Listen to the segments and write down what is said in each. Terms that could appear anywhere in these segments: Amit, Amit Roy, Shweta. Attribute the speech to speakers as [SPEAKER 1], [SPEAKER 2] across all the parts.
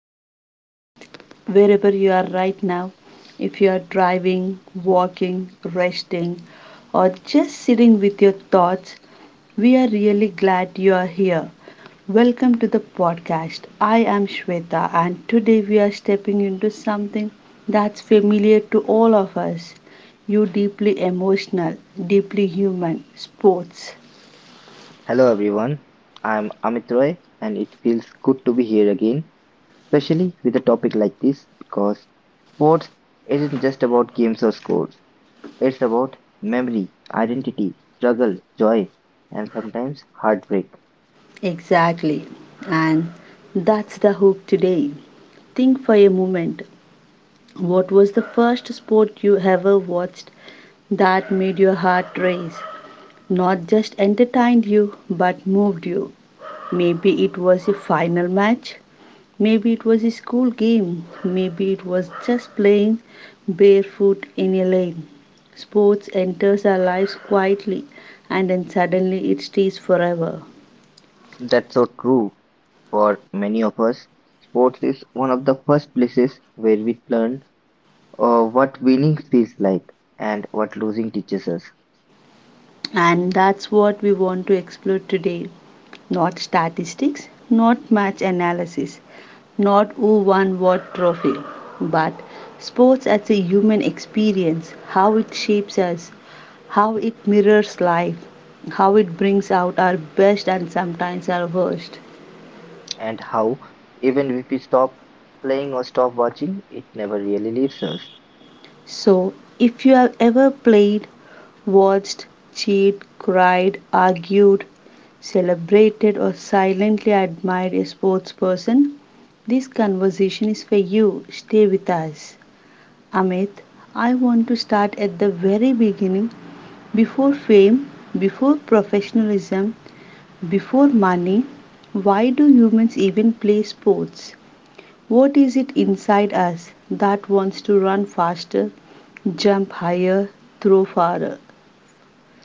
[SPEAKER 1] Take a breath wherever you are right now. If you are driving, walking, resting, or just sitting with your thoughts, we are really glad you are here. Welcome to the podcast. I am Shweta, and today we are stepping into something that's familiar to all of us. You deeply emotional, deeply human sports.
[SPEAKER 2] Hello everyone, I'm Amit Roy and it feels good to be here again, especially with a topic like this because sports isn't just about games or scores, it's about memory, identity, struggle, joy, and sometimes heartbreak.
[SPEAKER 1] Exactly. And that's the hook today. Think for a moment. What was the first sport you ever watched that made your heart race? Not just entertained you, but moved you. Maybe it was a final match. Maybe it was a school game. Maybe it was just playing barefoot in a lane. Sports enters our lives quietly and then suddenly it stays forever.
[SPEAKER 2] That's so true for many of us. Sports is one of the first places where we learn what winning feels like and what losing teaches us.
[SPEAKER 1] And that's what we want to explore today. Not statistics, not match analysis, not who won what trophy, but sports as a human experience, how it shapes us, how it mirrors life, how it brings out our best and sometimes our worst.
[SPEAKER 2] And how, even if we stop playing or stop watching, it never really leaves us.
[SPEAKER 1] So, if you have ever played, watched, cheered, cried, argued, celebrated, or silently admired a sports person, this conversation is for you. Stay with us. Amit, I want to start at the very beginning. Before fame, before professionalism, before money, why do humans even play sports? What is it inside us that wants to run faster, jump higher, throw farther?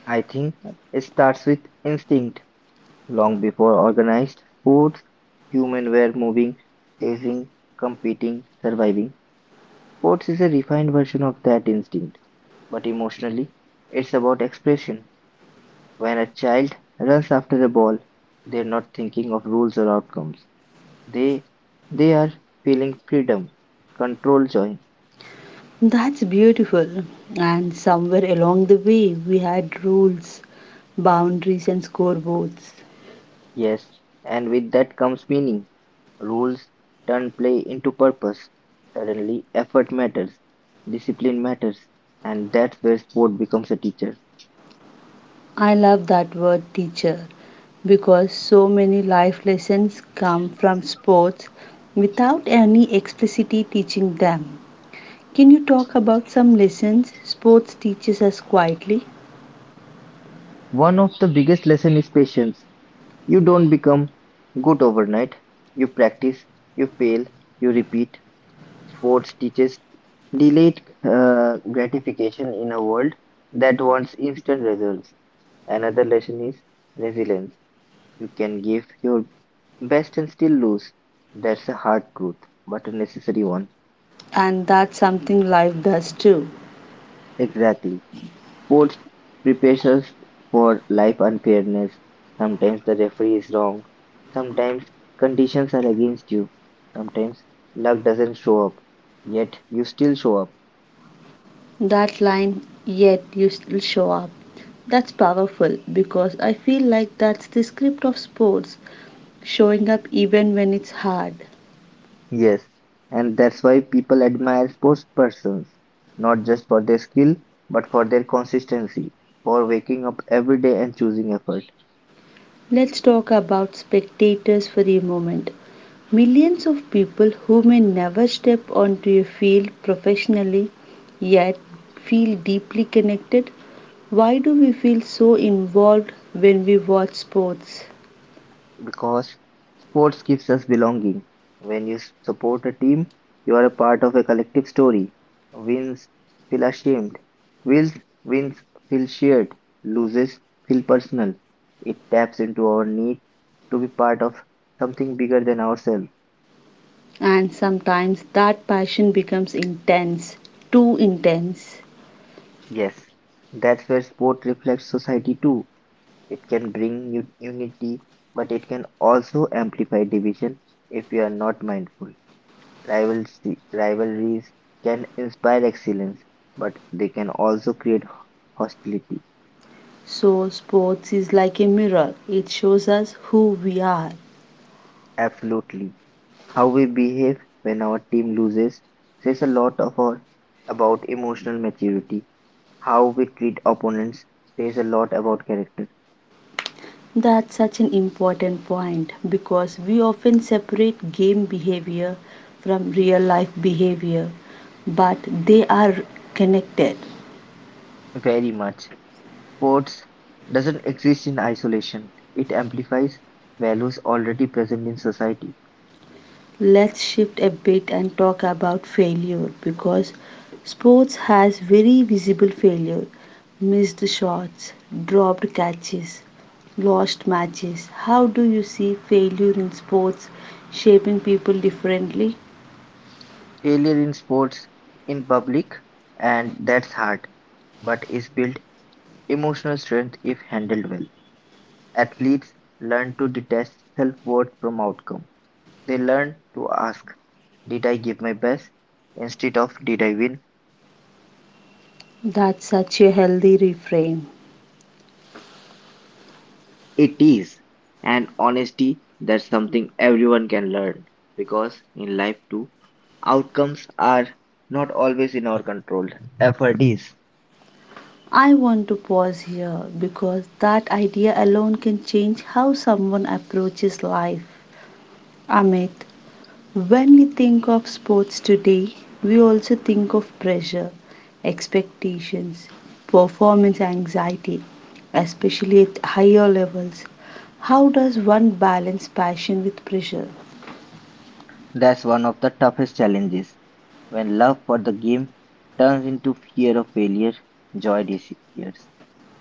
[SPEAKER 2] I think it starts with instinct. Long before organized sports, humans were moving, chasing, competing, surviving. Sports is a refined version of that instinct, but emotionally, it's about expression. When a child runs after a ball, they're not thinking of rules or outcomes. They they are feeling freedom, control, joy.
[SPEAKER 1] That's beautiful. And somewhere along the way, we had rules, boundaries, and scoreboards.
[SPEAKER 2] Yes, and with that comes meaning. Rules turn play into purpose. Suddenly, effort matters, discipline matters, and that's where sport becomes a teacher.
[SPEAKER 1] I love that word teacher because so many life lessons come from sports without any explicitly teaching them. Can you talk about some lessons sports teaches us quietly?
[SPEAKER 2] One of the biggest lessons is patience. You don't become good overnight. You practice, you fail, you repeat. Sports teaches delayed gratification in a world that wants instant results. Another lesson is resilience. You can give your best and still lose. That's a hard truth, but a necessary one.
[SPEAKER 1] And that's something life does too.
[SPEAKER 2] Exactly. Sports prepares us for life unfairness. Sometimes the referee is wrong. Sometimes conditions are against you. Sometimes luck doesn't show up. Yet you still show up.
[SPEAKER 1] That line, yet you still show up. That's powerful because I feel like that's the script of sports, showing up even when it's hard.
[SPEAKER 2] Yes. And that's why people admire sports persons, not just for their skill, but for their consistency, for waking up every day and choosing effort.
[SPEAKER 1] Let's talk about spectators for a moment. Millions of people who may never step onto a field professionally yet feel deeply connected. Why do we feel so involved when we watch sports?
[SPEAKER 2] Because sports gives us belonging. When you support a team, you are a part of a collective story. Wins feel ashamed. Wins wins feel shared. Loses feel personal. It taps into our need to be part of something bigger than ourselves.
[SPEAKER 1] And sometimes that passion becomes intense, too intense.
[SPEAKER 2] Yes, that's where sport reflects society too. It can bring unity, but it can also amplify division if we are not mindful. Rivalries can inspire excellence, but they can also create hostility.
[SPEAKER 1] So sports is like a mirror, it shows us who we are.
[SPEAKER 2] Absolutely. How we behave when our team loses says a lot of about emotional maturity. How we treat opponents says a lot about character.
[SPEAKER 1] That's such an important point because we often separate game behavior from real life behavior, but they are connected.
[SPEAKER 2] Very much. Sports doesn't exist in isolation, it amplifies values already present in society.
[SPEAKER 1] Let's shift a bit and talk about failure because sports has very visible failure, missed shots, dropped catches, lost matches. How do you see failure in sports shaping people differently?
[SPEAKER 2] Failure in sports, in public, and that's hard, but is built emotional strength, if handled well. Athletes learn to detach self-worth from outcome. They learn to ask, did I give my best? Instead of, did I win?
[SPEAKER 1] That's such a healthy reframe.
[SPEAKER 2] It is. And honesty, that's something everyone can learn. Because in life too, outcomes are not always in our control. Effort is.
[SPEAKER 1] I want to pause here because that idea alone can change how someone approaches life. Amit, when we think of sports today, we also think of pressure, expectations, performance anxiety, especially at higher levels. How does one balance passion with pressure?
[SPEAKER 2] That's one of the toughest challenges. When love for the game turns into fear of failure, joy disappears.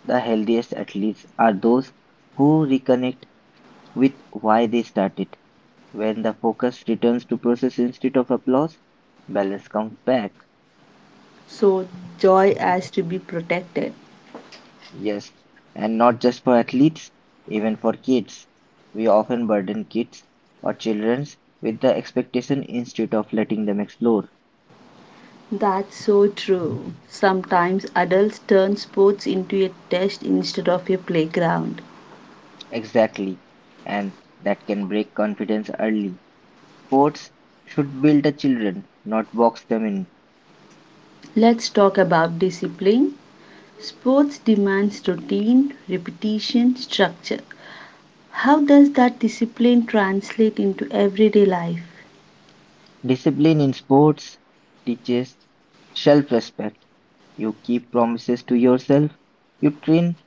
[SPEAKER 2] The healthiest athletes are those who reconnect with why they started. When the focus returns to process instead of applause, balance comes back.
[SPEAKER 1] So, joy has to be protected.
[SPEAKER 2] Yes, and not just for athletes, even for kids. We often burden kids or children with the expectation instead of letting them explore.
[SPEAKER 1] That's so true. Sometimes adults turn sports into a test instead of a playground.
[SPEAKER 2] Exactly, and that can break confidence early. Sports should build the children, not box them in.
[SPEAKER 1] Let's talk about discipline. Sports demands routine, repetition, structure. How does that discipline translate into everyday life?
[SPEAKER 2] Discipline in sports teaches self-respect. You keep promises to yourself. You train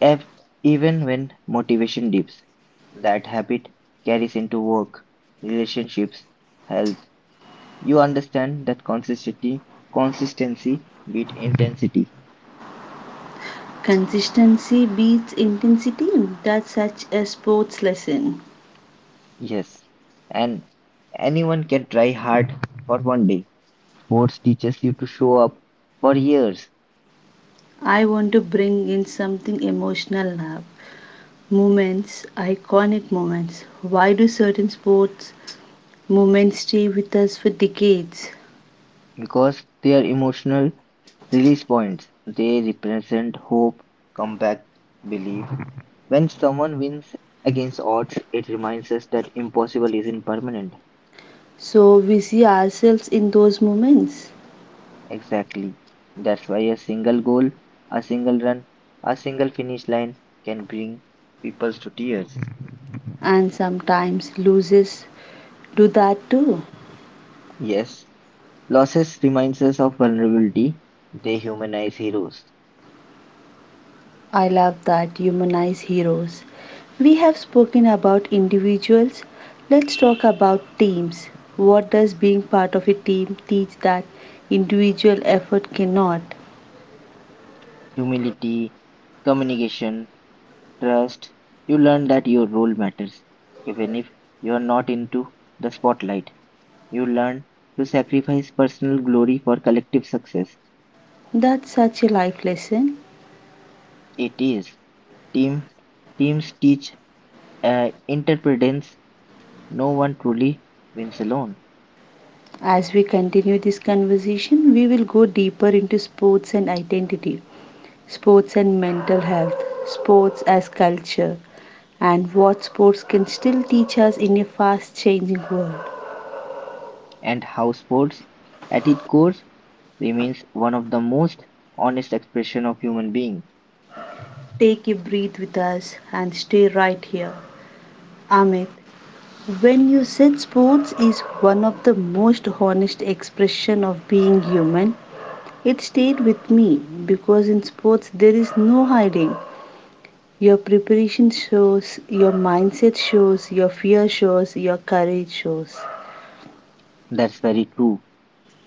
[SPEAKER 2] ev- even when motivation dips. That habit carries into work, relationships, health. You understand that consistency beat intensity.
[SPEAKER 1] Consistency beats intensity. That's such a sports lesson.
[SPEAKER 2] Yes. And anyone can try hard for one day. Sports teaches you to show up for years.
[SPEAKER 1] I want to bring in something emotional now. Moments, iconic moments. Why do certain sports moments stay with us for decades?
[SPEAKER 2] Because they are emotional release points, they represent hope, comeback, belief. When someone wins against odds, it reminds us that impossible isn't permanent.
[SPEAKER 1] So we see ourselves in those moments,
[SPEAKER 2] Exactly. That's why a single goal, a single run, a single finish line can bring people to tears.
[SPEAKER 1] and sometimes losers do that too.
[SPEAKER 2] Yes, losses reminds us of vulnerability. They humanize heroes.
[SPEAKER 1] I love that humanize heroes. We have spoken about individuals. Let's talk about teams. What does being part of a team teach that individual effort cannot?
[SPEAKER 2] Humility, communication, trust. You learn that your role matters. Even if you're not into the spotlight, you learn to sacrifice personal glory for collective success.
[SPEAKER 1] That's such a life lesson.
[SPEAKER 2] It is. Team teams teach interdependence. No one truly wins alone,
[SPEAKER 1] As we continue this conversation, we will go deeper into sports and identity, sports and mental health, sports as culture, and what sports can still teach us in a fast changing world.
[SPEAKER 2] and how sports, at its core, remains one of the most honest expression of human being.
[SPEAKER 1] Take a breath with us and stay right here. Amit, when you said sports is one of the most honest expression of being human, it stayed with me because in sports there is no hiding. Your preparation shows, your mindset shows, your fear shows, your courage shows.
[SPEAKER 2] That's very true.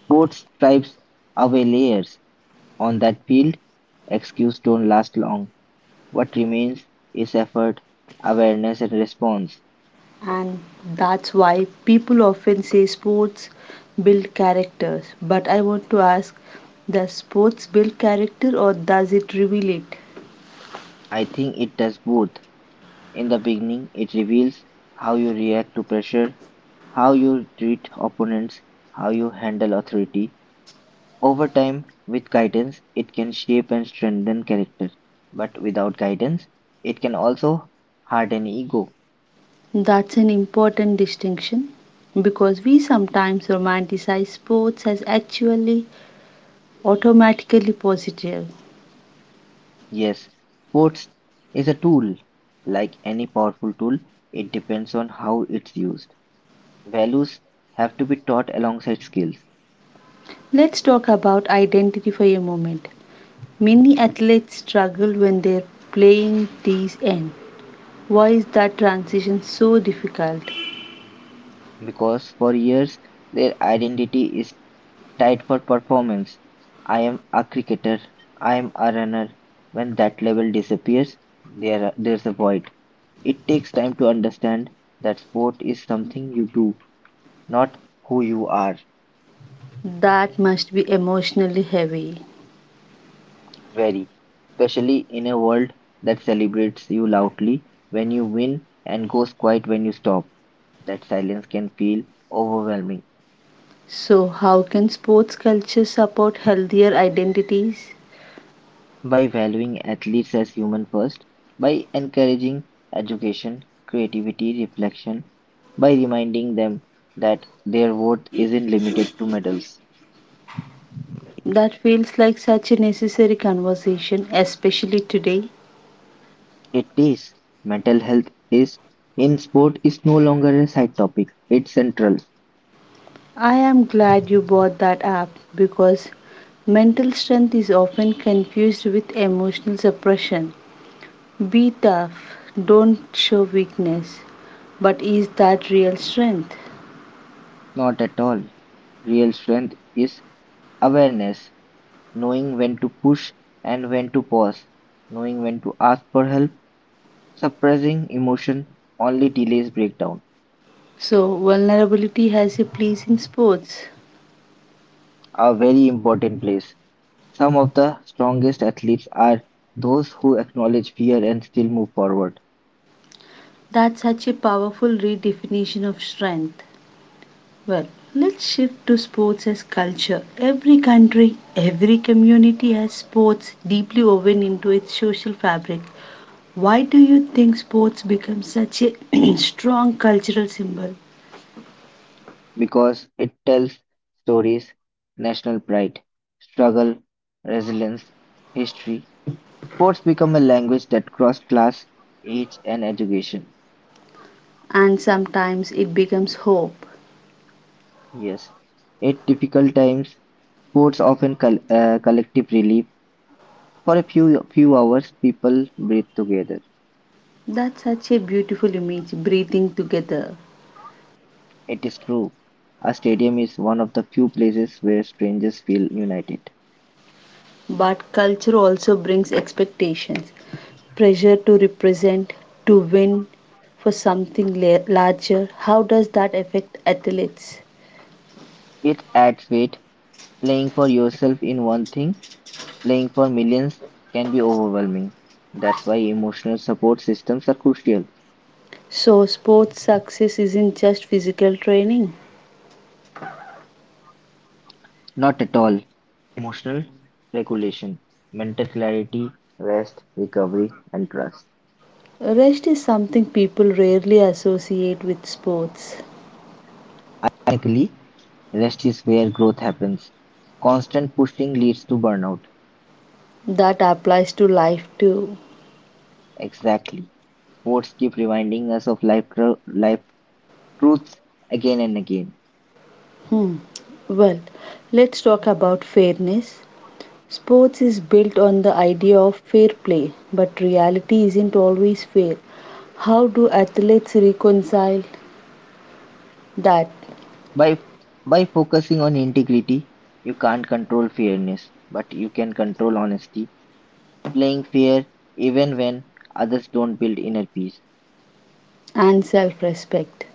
[SPEAKER 2] Sports stripes away layers on that field. Excuse don't last long. What remains is effort, awareness and response.
[SPEAKER 1] And that's why people often say sports build characters. But I want to ask, does sports build character or does it reveal it?
[SPEAKER 2] I think it does both. In the beginning, it reveals how you react to pressure, how you treat opponents, how you handle authority. Over time, with guidance, it can shape and strengthen character. But without guidance, it can also harden ego.
[SPEAKER 1] That's an important distinction because we sometimes romanticize sports as actually automatically positive.
[SPEAKER 2] Yes, sports is a tool. Like any powerful tool, it depends on how it's used. Values have to be taught alongside skills.
[SPEAKER 1] Let's talk about identity for a moment. Many athletes struggle when they're playing these ends. Why is that transition so difficult?
[SPEAKER 2] Because for years their identity is tied for performance. I am a cricketer, I am a runner. When that level disappears, there's a void. It takes time to understand that sport is something you do, not who you are.
[SPEAKER 1] That must be emotionally heavy.
[SPEAKER 2] Very, especially in a world that celebrates you loudly when you win and goes quiet when you stop. That silence can feel overwhelming.
[SPEAKER 1] So, how can sports culture support healthier identities?
[SPEAKER 2] By valuing athletes as human first, by encouraging education, creativity, reflection, by reminding them that their worth isn't limited to medals.
[SPEAKER 1] That feels like such a necessary conversation, especially today.
[SPEAKER 2] It is. Mental health is in sport is no longer a side topic. It's central.
[SPEAKER 1] I am glad you bought that app because mental strength is often confused with emotional suppression. Be tough, don't show weakness. But is that real strength?
[SPEAKER 2] Not at all. Real strength is awareness, knowing when to push and when to pause, knowing when to ask for help, suppressing emotion only delays breakdown.
[SPEAKER 1] So, vulnerability has a place in sports.
[SPEAKER 2] A very important place. Some of the strongest athletes are those who acknowledge fear and still move forward.
[SPEAKER 1] That's such a powerful redefinition of strength. Well, let's shift to sports as culture. Every country, every community has sports deeply woven into its social fabric. Why do you think sports become such a strong cultural symbol?
[SPEAKER 2] Because it tells stories, national pride, struggle, resilience, history. Sports become a language that cross class, age, and education.
[SPEAKER 1] And sometimes it becomes hope.
[SPEAKER 2] Yes, at difficult times, sports often collective relief. For a few hours, people breathe together.
[SPEAKER 1] That's such a beautiful image, breathing together.
[SPEAKER 2] It is true. A stadium is one of the few places where strangers feel united.
[SPEAKER 1] But culture also brings expectations, pressure to represent, to win for something larger. How does that affect athletes?
[SPEAKER 2] It adds weight; playing for yourself in one thing, playing for millions can be overwhelming. That's why emotional support systems are crucial.
[SPEAKER 1] So, sports success isn't just physical training.
[SPEAKER 2] Not at all. Emotional regulation, mental clarity, rest, recovery, and trust.
[SPEAKER 1] Rest is something people rarely associate with sports.
[SPEAKER 2] Ironically, rest is where growth happens. Constant pushing leads to burnout.
[SPEAKER 1] That applies to life too.
[SPEAKER 2] Exactly. Sports keep reminding us of life, life truths again and again.
[SPEAKER 1] Hmm. Well, let's talk about fairness. Sports is built on the idea of fair play, but reality isn't always fair. How do athletes reconcile that
[SPEAKER 2] By by focusing on integrity, you can't control fairness, but you can control honesty. Playing fair even when others don't build inner peace.
[SPEAKER 1] and self respect?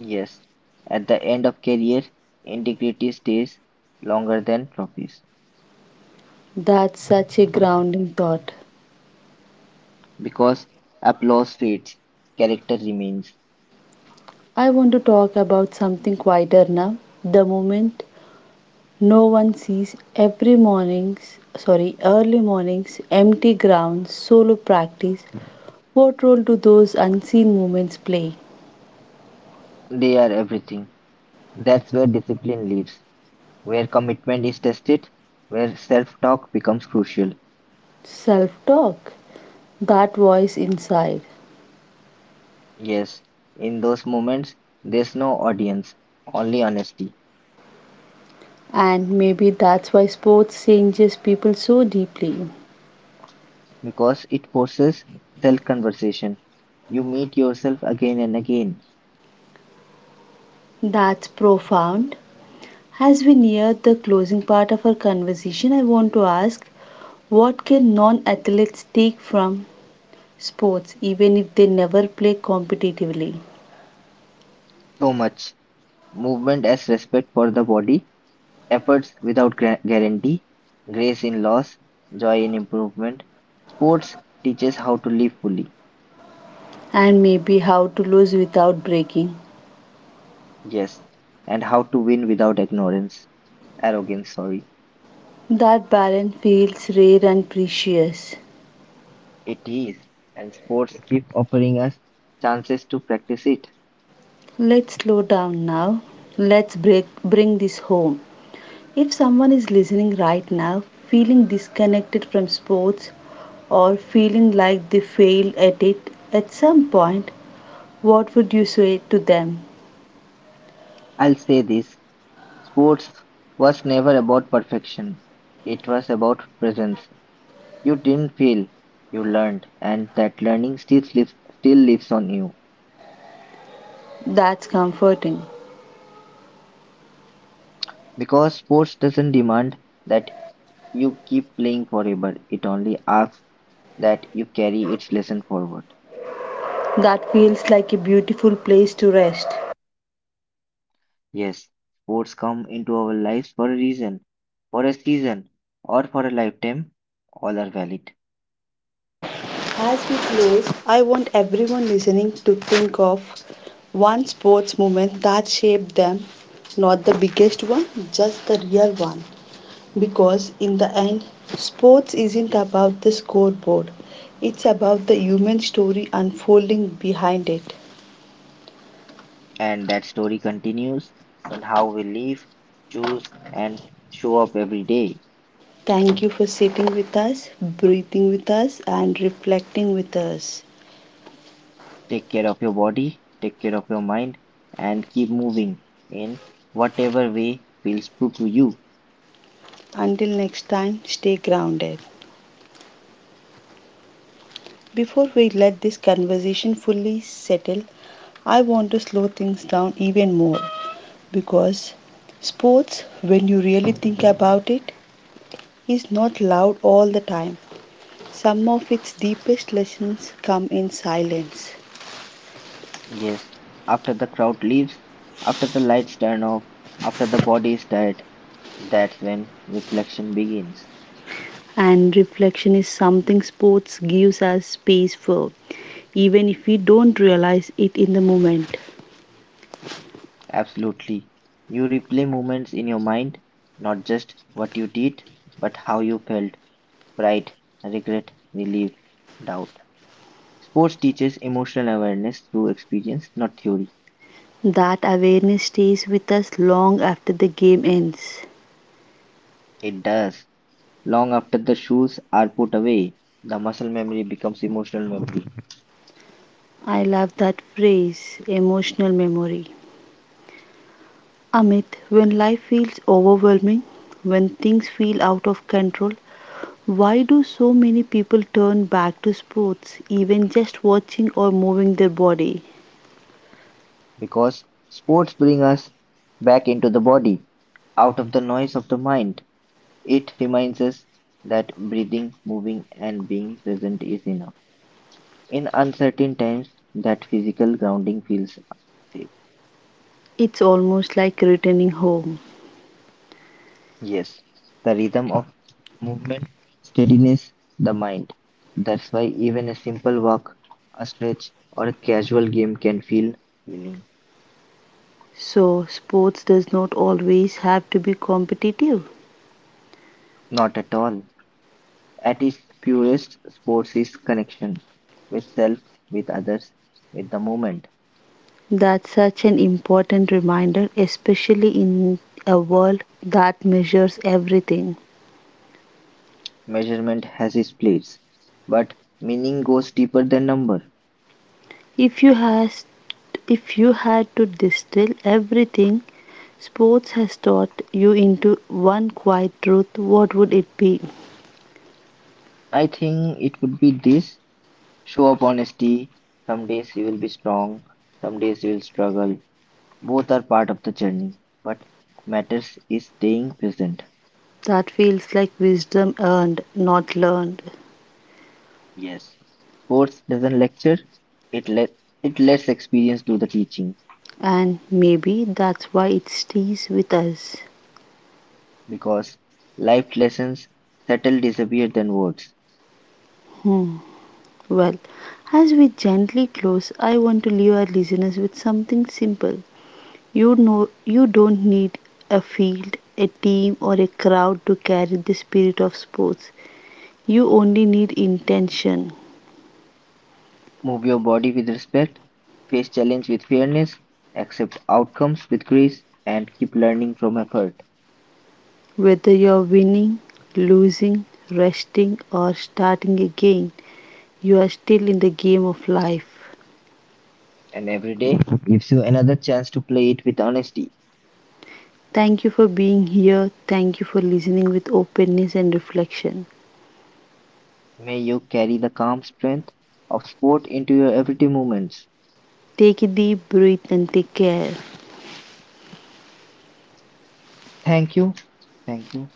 [SPEAKER 2] Yes, at the end of career, integrity stays longer than trophies
[SPEAKER 1] That's such a grounding thought.
[SPEAKER 2] because applause fades, character remains.
[SPEAKER 1] I want to talk about something quieter now. The moment no one sees, every morning's, sorry, early morning's empty grounds, solo practice, what role do those unseen moments play?
[SPEAKER 2] They are everything. That's where discipline lives, where commitment is tested, where self-talk becomes crucial.
[SPEAKER 1] Self talk, that voice inside.
[SPEAKER 2] Yes, in those moments, there's no audience, only honesty,
[SPEAKER 1] And maybe that's why sports changes people so deeply.
[SPEAKER 2] because it forces self conversation. You meet yourself again and again.
[SPEAKER 1] That's profound. As we near the closing part of our conversation, I want to ask what can non athletes take from sports even if they never play competitively?
[SPEAKER 2] So much movement as respect for the body, efforts without guarantee, grace in loss, joy in improvement. Sports teaches how to live fully,
[SPEAKER 1] And maybe how to lose without breaking.
[SPEAKER 2] yes, and how to win without arrogance, sorry.
[SPEAKER 1] That balance feels rare and precious.
[SPEAKER 2] It is, and sports keep offering us chances to practice it.
[SPEAKER 1] Let's slow down now. Let's break, bring this home. If someone is listening right now, feeling disconnected from sports or feeling like they failed at it at some point, what would you say to them?
[SPEAKER 2] I'll say this. Sports was never about perfection, it was about presence. You didn't fail, you learned, and that learning still lives on you.
[SPEAKER 1] That's comforting.
[SPEAKER 2] Because sports doesn't demand that you keep playing forever, it only asks that you carry its lesson forward.
[SPEAKER 1] That feels like a beautiful place to rest.
[SPEAKER 2] Yes, sports come into our lives for a reason, for a season, or for a lifetime. All are valid.
[SPEAKER 1] As we close, I want everyone listening to think of one sports moment that shaped them, not the biggest one, just the real one. Because in the end, sports isn't about the scoreboard, it's about the human story unfolding behind it.
[SPEAKER 2] And that story continues in how we live, choose, and show up every day.
[SPEAKER 1] Thank you for sitting with us, breathing with us, and reflecting with us.
[SPEAKER 2] Take care of your body, take care of your mind, and keep moving in whatever way feels true to you.
[SPEAKER 1] Until next time, stay grounded. Before we let this conversation fully settle, I want to slow things down even more because sports, when you really think about it, is not loud all the time. Some of its deepest lessons come in silence,
[SPEAKER 2] Yes, after the crowd leaves, after the lights turn off, after the body is tired, that's when reflection begins.
[SPEAKER 1] and reflection is something sports gives us space for, even if we don't realize it in the moment.
[SPEAKER 2] Absolutely. You replay moments in your mind, not just what you did, but how you felt pride, regret, relief, doubt. Sports teaches emotional awareness through experience, not theory.
[SPEAKER 1] That awareness stays with us long after the game ends.
[SPEAKER 2] It does. Long after the shoes are put away, the muscle memory becomes emotional memory
[SPEAKER 1] I love that phrase, emotional memory. Amit, when life feels overwhelming, when things feel out of control, why do so many people turn back to sports, even just watching or moving their body?
[SPEAKER 2] because sports bring us back into the body, out of the noise of the mind. It reminds us that breathing, moving, and being present is enough. In uncertain times, that physical grounding feels safe.
[SPEAKER 1] It's almost like returning home.
[SPEAKER 2] Yes, the rhythm of movement steadiness the mind. That's why even a simple walk, a stretch, or a casual game can feel healing.
[SPEAKER 1] So, sports does not always have to be competitive.
[SPEAKER 2] Not at all. At its purest, sports is connection with self, with others, with the moment.
[SPEAKER 1] That's such an important reminder, especially in a world that measures everything.
[SPEAKER 2] Measurement has its place, but meaning goes deeper than number.
[SPEAKER 1] If you has, if you had to distill everything sports has taught you into one quiet truth, what would it be?
[SPEAKER 2] I think it would be this show up honesty. Some days you will be strong, some days you will struggle, both are part of the journey. What matters is staying present.
[SPEAKER 1] That feels like wisdom earned, not learned.
[SPEAKER 2] Yes. Sports doesn't lecture, it let it lets experience do the teaching
[SPEAKER 1] And maybe that's why it stays with us.
[SPEAKER 2] because life lessons settle disappear than words.
[SPEAKER 1] Hmm. Well, as we gently close, I want to leave our listeners with something simple. You know, you don't need a field, a team, or a crowd to carry the spirit of sports. You only need intention.
[SPEAKER 2] Move your body with respect, face challenge with fairness, accept outcomes with grace, and keep learning from effort.
[SPEAKER 1] Whether you're winning, losing, resting, or starting again, you are still in the game of life.
[SPEAKER 2] And every day gives you another chance to play it with honesty.
[SPEAKER 1] Thank you for being here. Thank you for listening with openness and reflection.
[SPEAKER 2] May you carry the calm strength of sport into your everyday moments.
[SPEAKER 1] Take a deep breath and take care.
[SPEAKER 2] Thank you. Thank you.